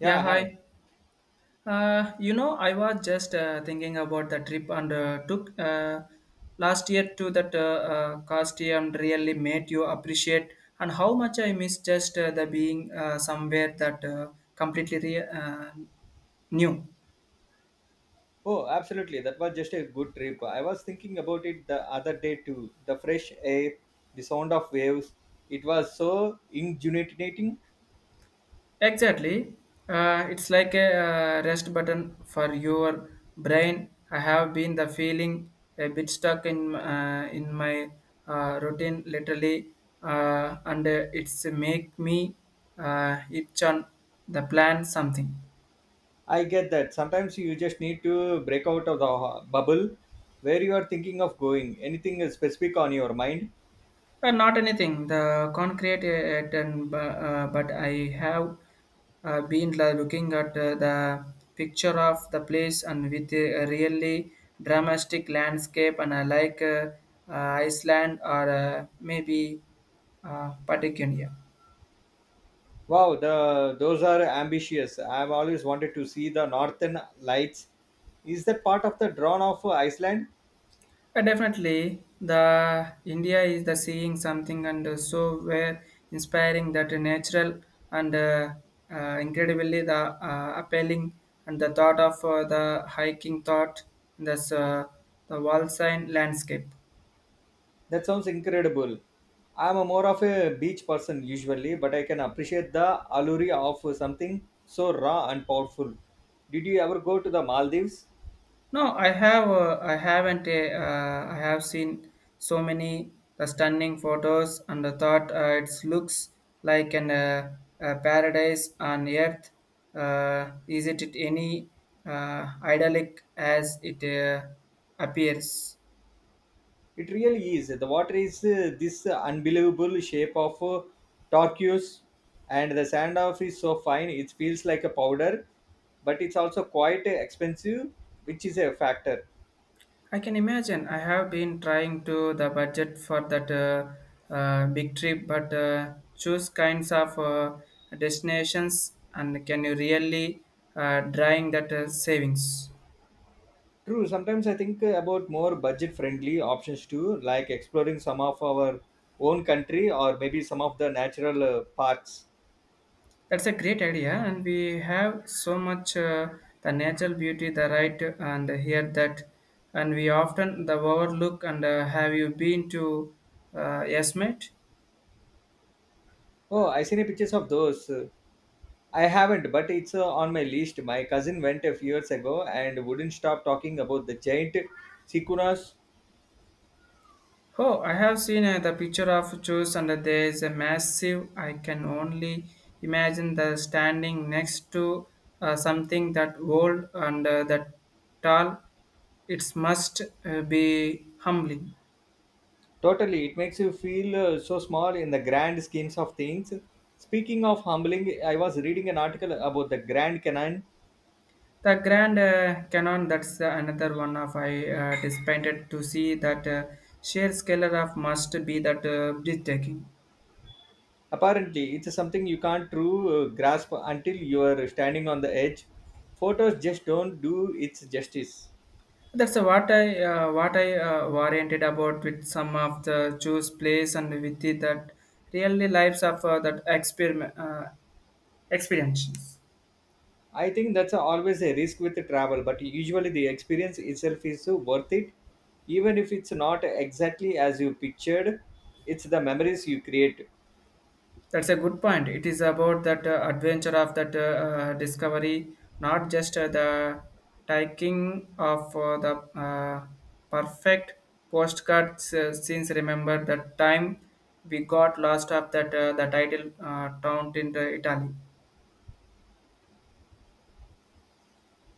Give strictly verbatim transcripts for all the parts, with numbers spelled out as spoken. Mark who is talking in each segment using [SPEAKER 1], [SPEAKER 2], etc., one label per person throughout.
[SPEAKER 1] Yeah,
[SPEAKER 2] Yeah, hi.
[SPEAKER 1] hi. Uh, you know, I was just uh, thinking about the trip and uh, took uh, last year to that uh, uh, costume really made you appreciate and how much I miss just uh, the being uh, somewhere that uh, completely re- uh, new.
[SPEAKER 2] Oh, absolutely. That was just a good trip. I was thinking about it the other day too. The fresh air, the sound of waves. It was so ingenuitating.
[SPEAKER 1] Exactly. Uh, it's like a uh, rest button for your brain. I have been the feeling a bit stuck in uh, in my uh, routine literally, uh, and uh, it's make me uh, itch on the plan something.
[SPEAKER 2] I get that. Sometimes you just need to break out of the ho- bubble where you are thinking of going. Anything specific on your mind?
[SPEAKER 1] Uh, not anything. The concrete uh, and bu- uh, but I have uh, been la- looking at uh, the picture of the place and with a really dramatic landscape and I like uh, uh, Iceland or uh, maybe uh, Patagonia.
[SPEAKER 2] Wow, the those are ambitious. I've always wanted to see the northern lights. Is that part of the drawn of Iceland?
[SPEAKER 1] Uh, definitely, the India is the seeing something and uh, so were inspiring that natural and uh, uh, incredibly the uh, appealing and the thought of uh, the hiking thought in this uh, the wall sign landscape.
[SPEAKER 2] That sounds incredible. I'm a more of a beach person usually, but I can appreciate the allure of something so raw and powerful. Did you ever go to the Maldives?
[SPEAKER 1] No, I have. Uh, I haven't. Uh, uh, I have seen so many the stunning photos, and the thought uh, it looks like an uh, a paradise on earth. Uh, is it it any uh, idyllic as it uh, appears?
[SPEAKER 2] It really is. The water is uh, this unbelievable shape of uh, turquoise, and the sand off is so fine it feels like a powder, but it's also quite expensive, which is a factor.
[SPEAKER 1] I can imagine. I have been trying to the budget for that uh, uh, big trip, but uh, choose kinds of uh, destinations and can you really uh, drawing that uh, savings?
[SPEAKER 2] True. Sometimes I think uh, about more budget-friendly options too, like exploring some of our own country or maybe some of the natural uh, parks.
[SPEAKER 1] That's a great idea, and we have so much uh, the natural beauty, the right, and here that, and we often the overlook. And uh, have you been to uh, Yes, mate?
[SPEAKER 2] Oh, I seen pictures of those. Uh, I haven't, but it's uh, on my list. My cousin went a few years ago and wouldn't stop talking about the giant sequoias.
[SPEAKER 1] Oh, I have seen uh, the picture of Zeus, and there is a massive. I can only imagine the standing next to uh, something that old and uh, that tall. It must uh, be humbling.
[SPEAKER 2] Totally, it makes you feel uh, so small in the grand schemes of things. Speaking of humbling, I was reading an article about the Grand Canyon.
[SPEAKER 1] The grand uh, canon. That's uh, another one of I uh, disappointed to see that uh, sheer scale of must be that uh, breathtaking.
[SPEAKER 2] Apparently, it's something you can't true uh, grasp until you are standing on the edge. Photos just don't do its justice.
[SPEAKER 1] That's uh, what I uh, what I uh, oriented about with some of the choose place and with it that really lives of uh, that experiment uh, experiences.
[SPEAKER 2] I think that's always a risk with travel, but usually the experience itself is so worth it. Even if it's not exactly as you pictured, it's the memories you create.
[SPEAKER 1] That's a good point. It is about that uh, adventure of that uh, uh, discovery, not just uh, the taking of uh, the uh, perfect postcard uh, since remember that time we got lost of that uh, the title uh, town in the Italy.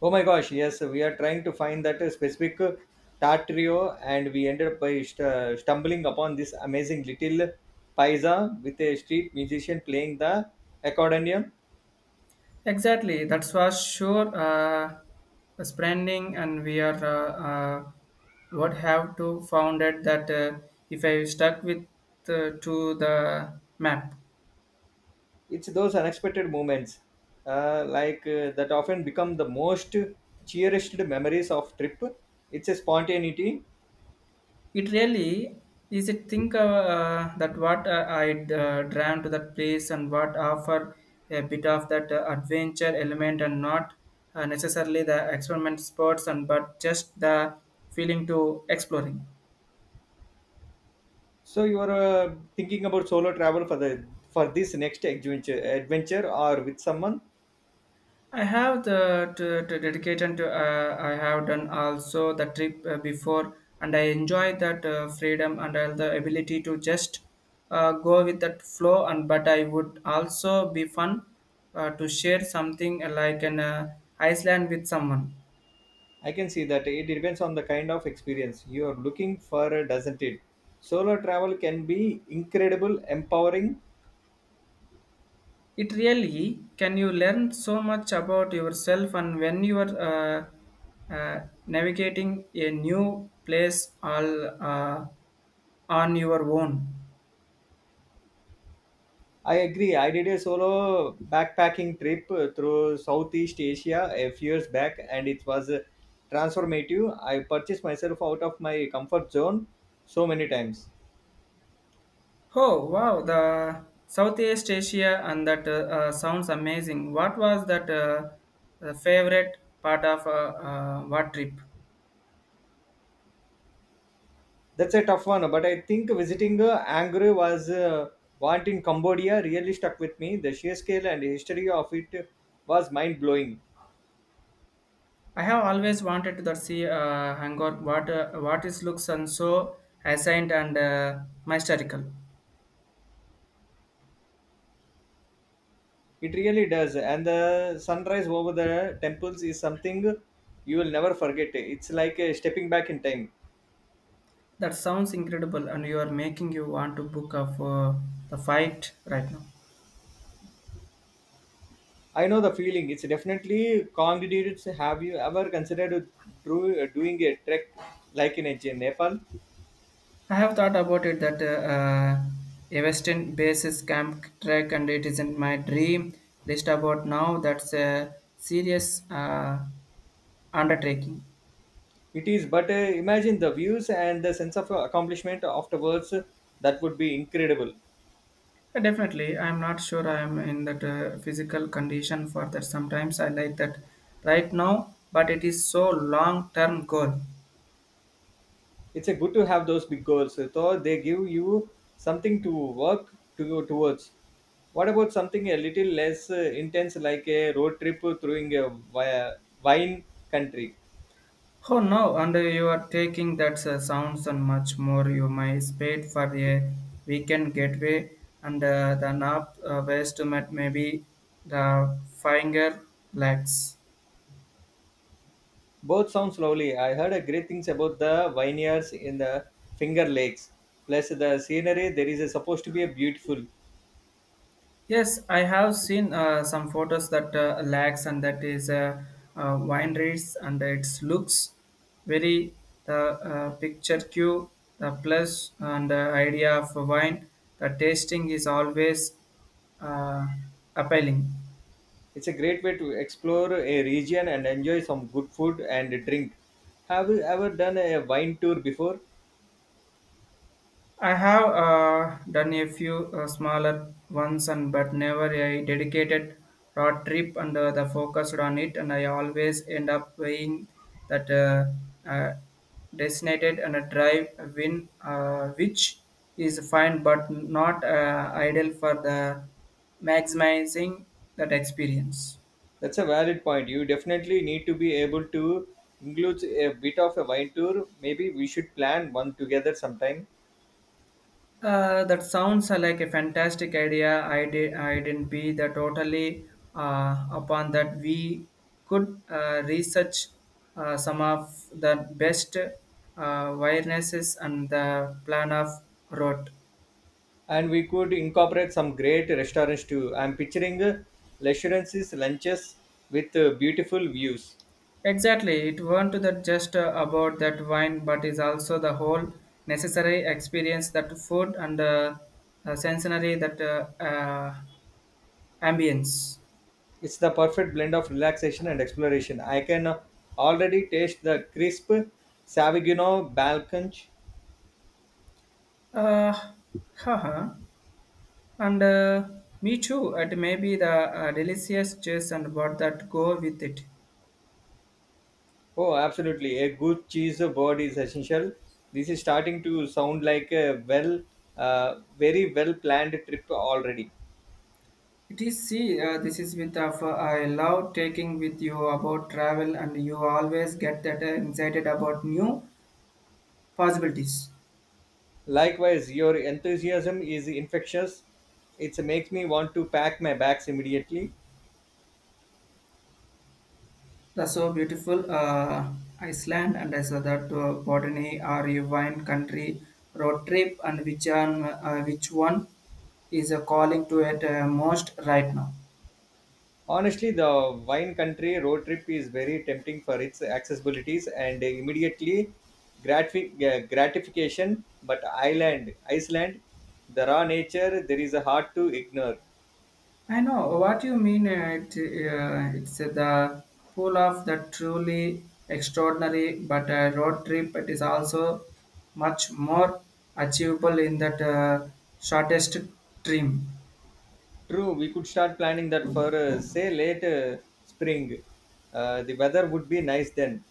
[SPEAKER 2] Oh my gosh, yes, we are trying to find that uh, specific uh, tartrio, and we ended up by st- stumbling upon this amazing little paisa with a street musician playing the accordion.
[SPEAKER 1] Exactly. That's for sure. Uh, spending and we are uh, uh, what have to found it that uh, if I stuck with uh, to the map.
[SPEAKER 2] It's those unexpected moments uh, like uh, that often become the most cherished memories of trip. It's a spontaneity.
[SPEAKER 1] It really is it think uh, uh, that what uh, I uh, drawn to that place and what offer a bit of that uh, adventure element and not uh, necessarily the experiment sports and but just the feeling to exploring.
[SPEAKER 2] So you are uh, thinking about solo travel for the for this next adventure, adventure or with someone.
[SPEAKER 1] I have the to, to dedication to uh, I have done also the trip uh, before, and I enjoy that uh, freedom and all the ability to just uh, go with that flow. And but I would also be fun uh, to share something like an uh, Iceland with someone.
[SPEAKER 2] I can see that it depends on the kind of experience you are looking for, doesn't it? Solo travel can be incredible, empowering.
[SPEAKER 1] It really can you learn so much about yourself and when you are uh, uh, navigating a new place all uh, on your own.
[SPEAKER 2] I agree. I did a solo backpacking trip uh, through Southeast Asia a few years back, and it was uh, transformative. I purchased myself out of my comfort zone so many times.
[SPEAKER 1] Oh wow, the Southeast Asia and that uh, uh, sounds amazing. What was that uh, the favorite part of uh, uh, what trip?
[SPEAKER 2] That's a tough one, but I think visiting uh, Angkor was uh, want in Cambodia really stuck with me. The sheer scale and history of it was mind blowing.
[SPEAKER 1] I have always wanted to see uh, Angkor. What uh, what is looks and so ancient and uh, mystical.
[SPEAKER 2] It really does, and the sunrise over the temples is something you will never forget. It's like uh, stepping back in time.
[SPEAKER 1] That sounds incredible, and you are making you want to book up for the fight right now.
[SPEAKER 2] I know the feeling. It's definitely conglomerates. Have you ever considered do, doing a trek like in uh, Nepal?
[SPEAKER 1] I have thought about it that uh, a Western basis camp trek and it isn't my dream list about now. That's a serious uh, undertaking.
[SPEAKER 2] It is, but uh, imagine the views and the sense of accomplishment afterwards. That would be incredible.
[SPEAKER 1] Uh, Definitely, I'm not sure I'm in that uh, physical condition for that. Sometimes I like that right now, but it is so long term goal.
[SPEAKER 2] It's a good to have those big goals. So they give you something to work to go towards. What about something a little less uh, intense, like a road trip through a wi- wine country?
[SPEAKER 1] Oh no, and you are taking that uh, sounds and much more. You might paid for a weekend getaway, and uh, the nap uh, ways to met maybe the finger lags.
[SPEAKER 2] Both sounds lovely. I heard a great things about the vineyards in the Finger Lakes. Plus the scenery there is a, supposed to be a beautiful.
[SPEAKER 1] Yes, I have seen uh, some photos that uh, lags and that is uh, uh, wine reeds and it looks very the uh, picture cue the plus and the idea of wine. The tasting is always uh, appealing.
[SPEAKER 2] It's a great way to explore a region and enjoy some good food and drink. Have you ever done a wine tour before?
[SPEAKER 1] I have uh, done a few uh, smaller ones, and but never a dedicated road trip and uh, the focused on it. And I always end up weighing that uh, uh, designated and a drive win, uh, which is fine but not uh, ideal for the maximizing that experience.
[SPEAKER 2] That's a valid point. You definitely need to be able to include a bit of a wine tour. Maybe we should plan one together sometime.
[SPEAKER 1] Uh, that sounds uh, like a fantastic idea. I did. I didn't be the totally uh, upon that. We could uh, research uh, some of the best uh, viruses and the plan of route.
[SPEAKER 2] And we could incorporate some great restaurants too. I'm picturing uh, restaurances, lunches with uh, beautiful views.
[SPEAKER 1] Exactly. It weren't that just uh, about that wine, but is also the whole necessary experience that food and uh, uh, sensory that uh, uh, ambience.
[SPEAKER 2] It's the perfect blend of relaxation and exploration. I can uh, already taste the crisp Savigino Balkanch.
[SPEAKER 1] Uh, haha. And uh, me too. It may be the uh, delicious juice and what that go with it.
[SPEAKER 2] Oh, absolutely. A good cheese board is essential. This is starting to sound like a well, uh, very well planned trip already.
[SPEAKER 1] It is see. Uh, this is with of uh, I love taking with you about travel, and you always get that uh, excited about new possibilities.
[SPEAKER 2] Likewise, your enthusiasm is infectious. It makes me want to pack my bags immediately.
[SPEAKER 1] That's so beautiful. Uh, Iceland and as that uh, botany or a wine country road trip, and which one, uh, which one is uh, calling to it uh, most right now.
[SPEAKER 2] Honestly, the wine country road trip is very tempting for its accessibilities and immediately gratifi- uh, gratification. But Ireland, Iceland, the raw nature, there is a hard to ignore.
[SPEAKER 1] I know what you mean. Uh, It, uh, it's the pull of the truly extraordinary, but a road trip it is also much more achievable in that uh, shortest trim.
[SPEAKER 2] True, we could start planning that for uh, say late uh, spring. Uh, the weather would be nice then.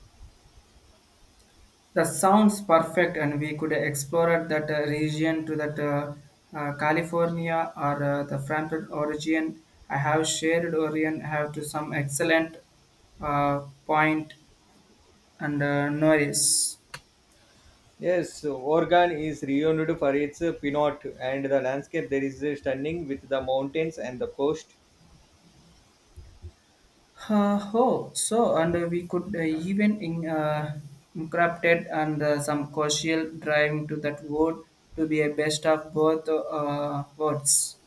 [SPEAKER 1] The sounds perfect, and we could explore that uh, region to that uh, uh, California or uh, the Frankfurt origin. I have shared Orion have to some excellent uh, point and uh, noise.
[SPEAKER 2] Yes, Oregon is renowned for its uh, Pinot and the landscape there is uh, stunning with the mountains and the coast.
[SPEAKER 1] Uh, oh, so and uh, we could uh, even in, uh, incorporate and uh, some crucial driving to that word to be a best of both uh, worlds.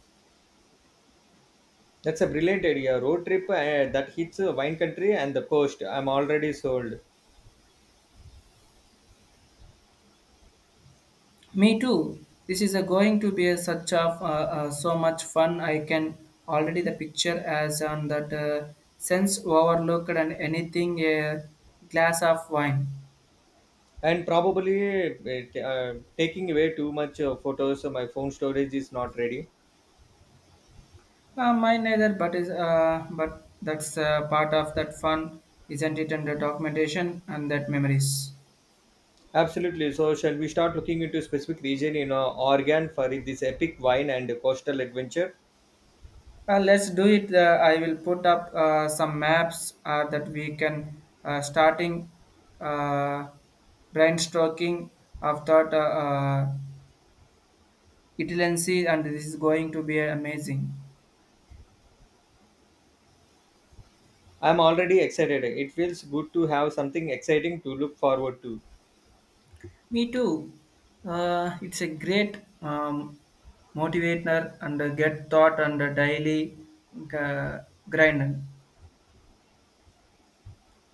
[SPEAKER 2] That's a brilliant idea. Road trip uh, that hits uh, wine country and the coast. I'm already sold.
[SPEAKER 1] Me too. This is a going to be a such a uh, uh, so much fun. I can already the picture as on that uh, sense overlooked and anything a glass of wine.
[SPEAKER 2] And probably uh, t- uh, taking away too much uh, photos. so My phone storage is not ready.
[SPEAKER 1] Uh, mine neither, but is uh, but that's uh, part of that fun, isn't it? And the documentation and that memories.
[SPEAKER 2] Absolutely. So shall we start looking into specific region in uh, Oregon for this epic wine and coastal adventure?
[SPEAKER 1] Uh, let's do it. Uh, I will put up uh, some maps uh, that we can uh, starting uh, brainstorming of thought uh, uh, itinerancy, and this is going to be amazing.
[SPEAKER 2] I'm already excited. It feels good to have something exciting to look forward to.
[SPEAKER 1] Me too. Uh, it's a great um, motivator and uh, get thought and uh, daily uh, grind.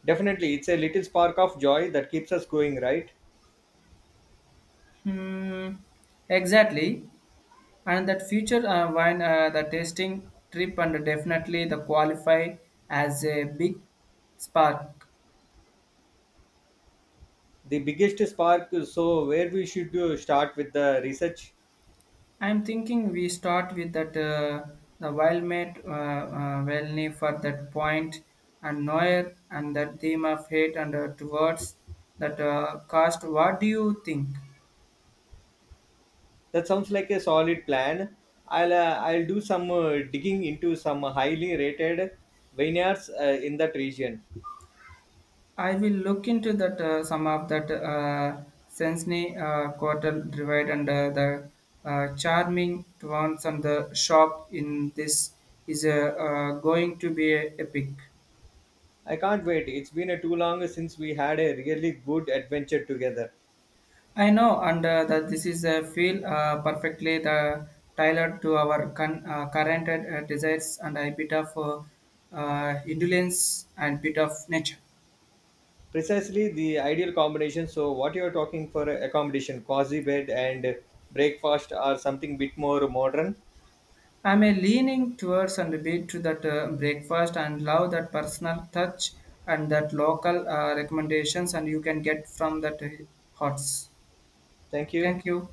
[SPEAKER 2] Definitely, it's a little spark of joy that keeps us going, right?
[SPEAKER 1] Hmm, exactly. And that future uh, wine uh, the tasting trip and definitely the qualify as a big spark.
[SPEAKER 2] The biggest spark. So where we should uh, start with the research?
[SPEAKER 1] I'm thinking we start with that uh, the wild mate uh, uh, Welny for that point and noir and that theme of hate and uh, towards that uh, cost. What do you think?
[SPEAKER 2] That sounds like a solid plan. I'll uh, I'll do some uh, digging into some highly rated vineyards uh, in that region.
[SPEAKER 1] I will look into that uh, some of that uh, Sensney uh, quartal divide and uh, the uh, charming twans and the shop in this is uh, uh, going to be epic.
[SPEAKER 2] I can't wait. It's been uh, too long since we had a really good adventure together.
[SPEAKER 1] I know and uh, that this is a feel uh, perfectly the tailored to our con- uh, current uh, desires and a bit of uh, uh, indulgence and bit of nature.
[SPEAKER 2] Precisely the ideal combination. So what you're talking for uh, accommodation, cozy bed and breakfast or something bit more modern.
[SPEAKER 1] I'm a leaning towards and beat to that uh, breakfast and love that personal touch and that local uh, recommendations and you can get from that uh, hots.
[SPEAKER 2] Thank you.
[SPEAKER 1] Thank you.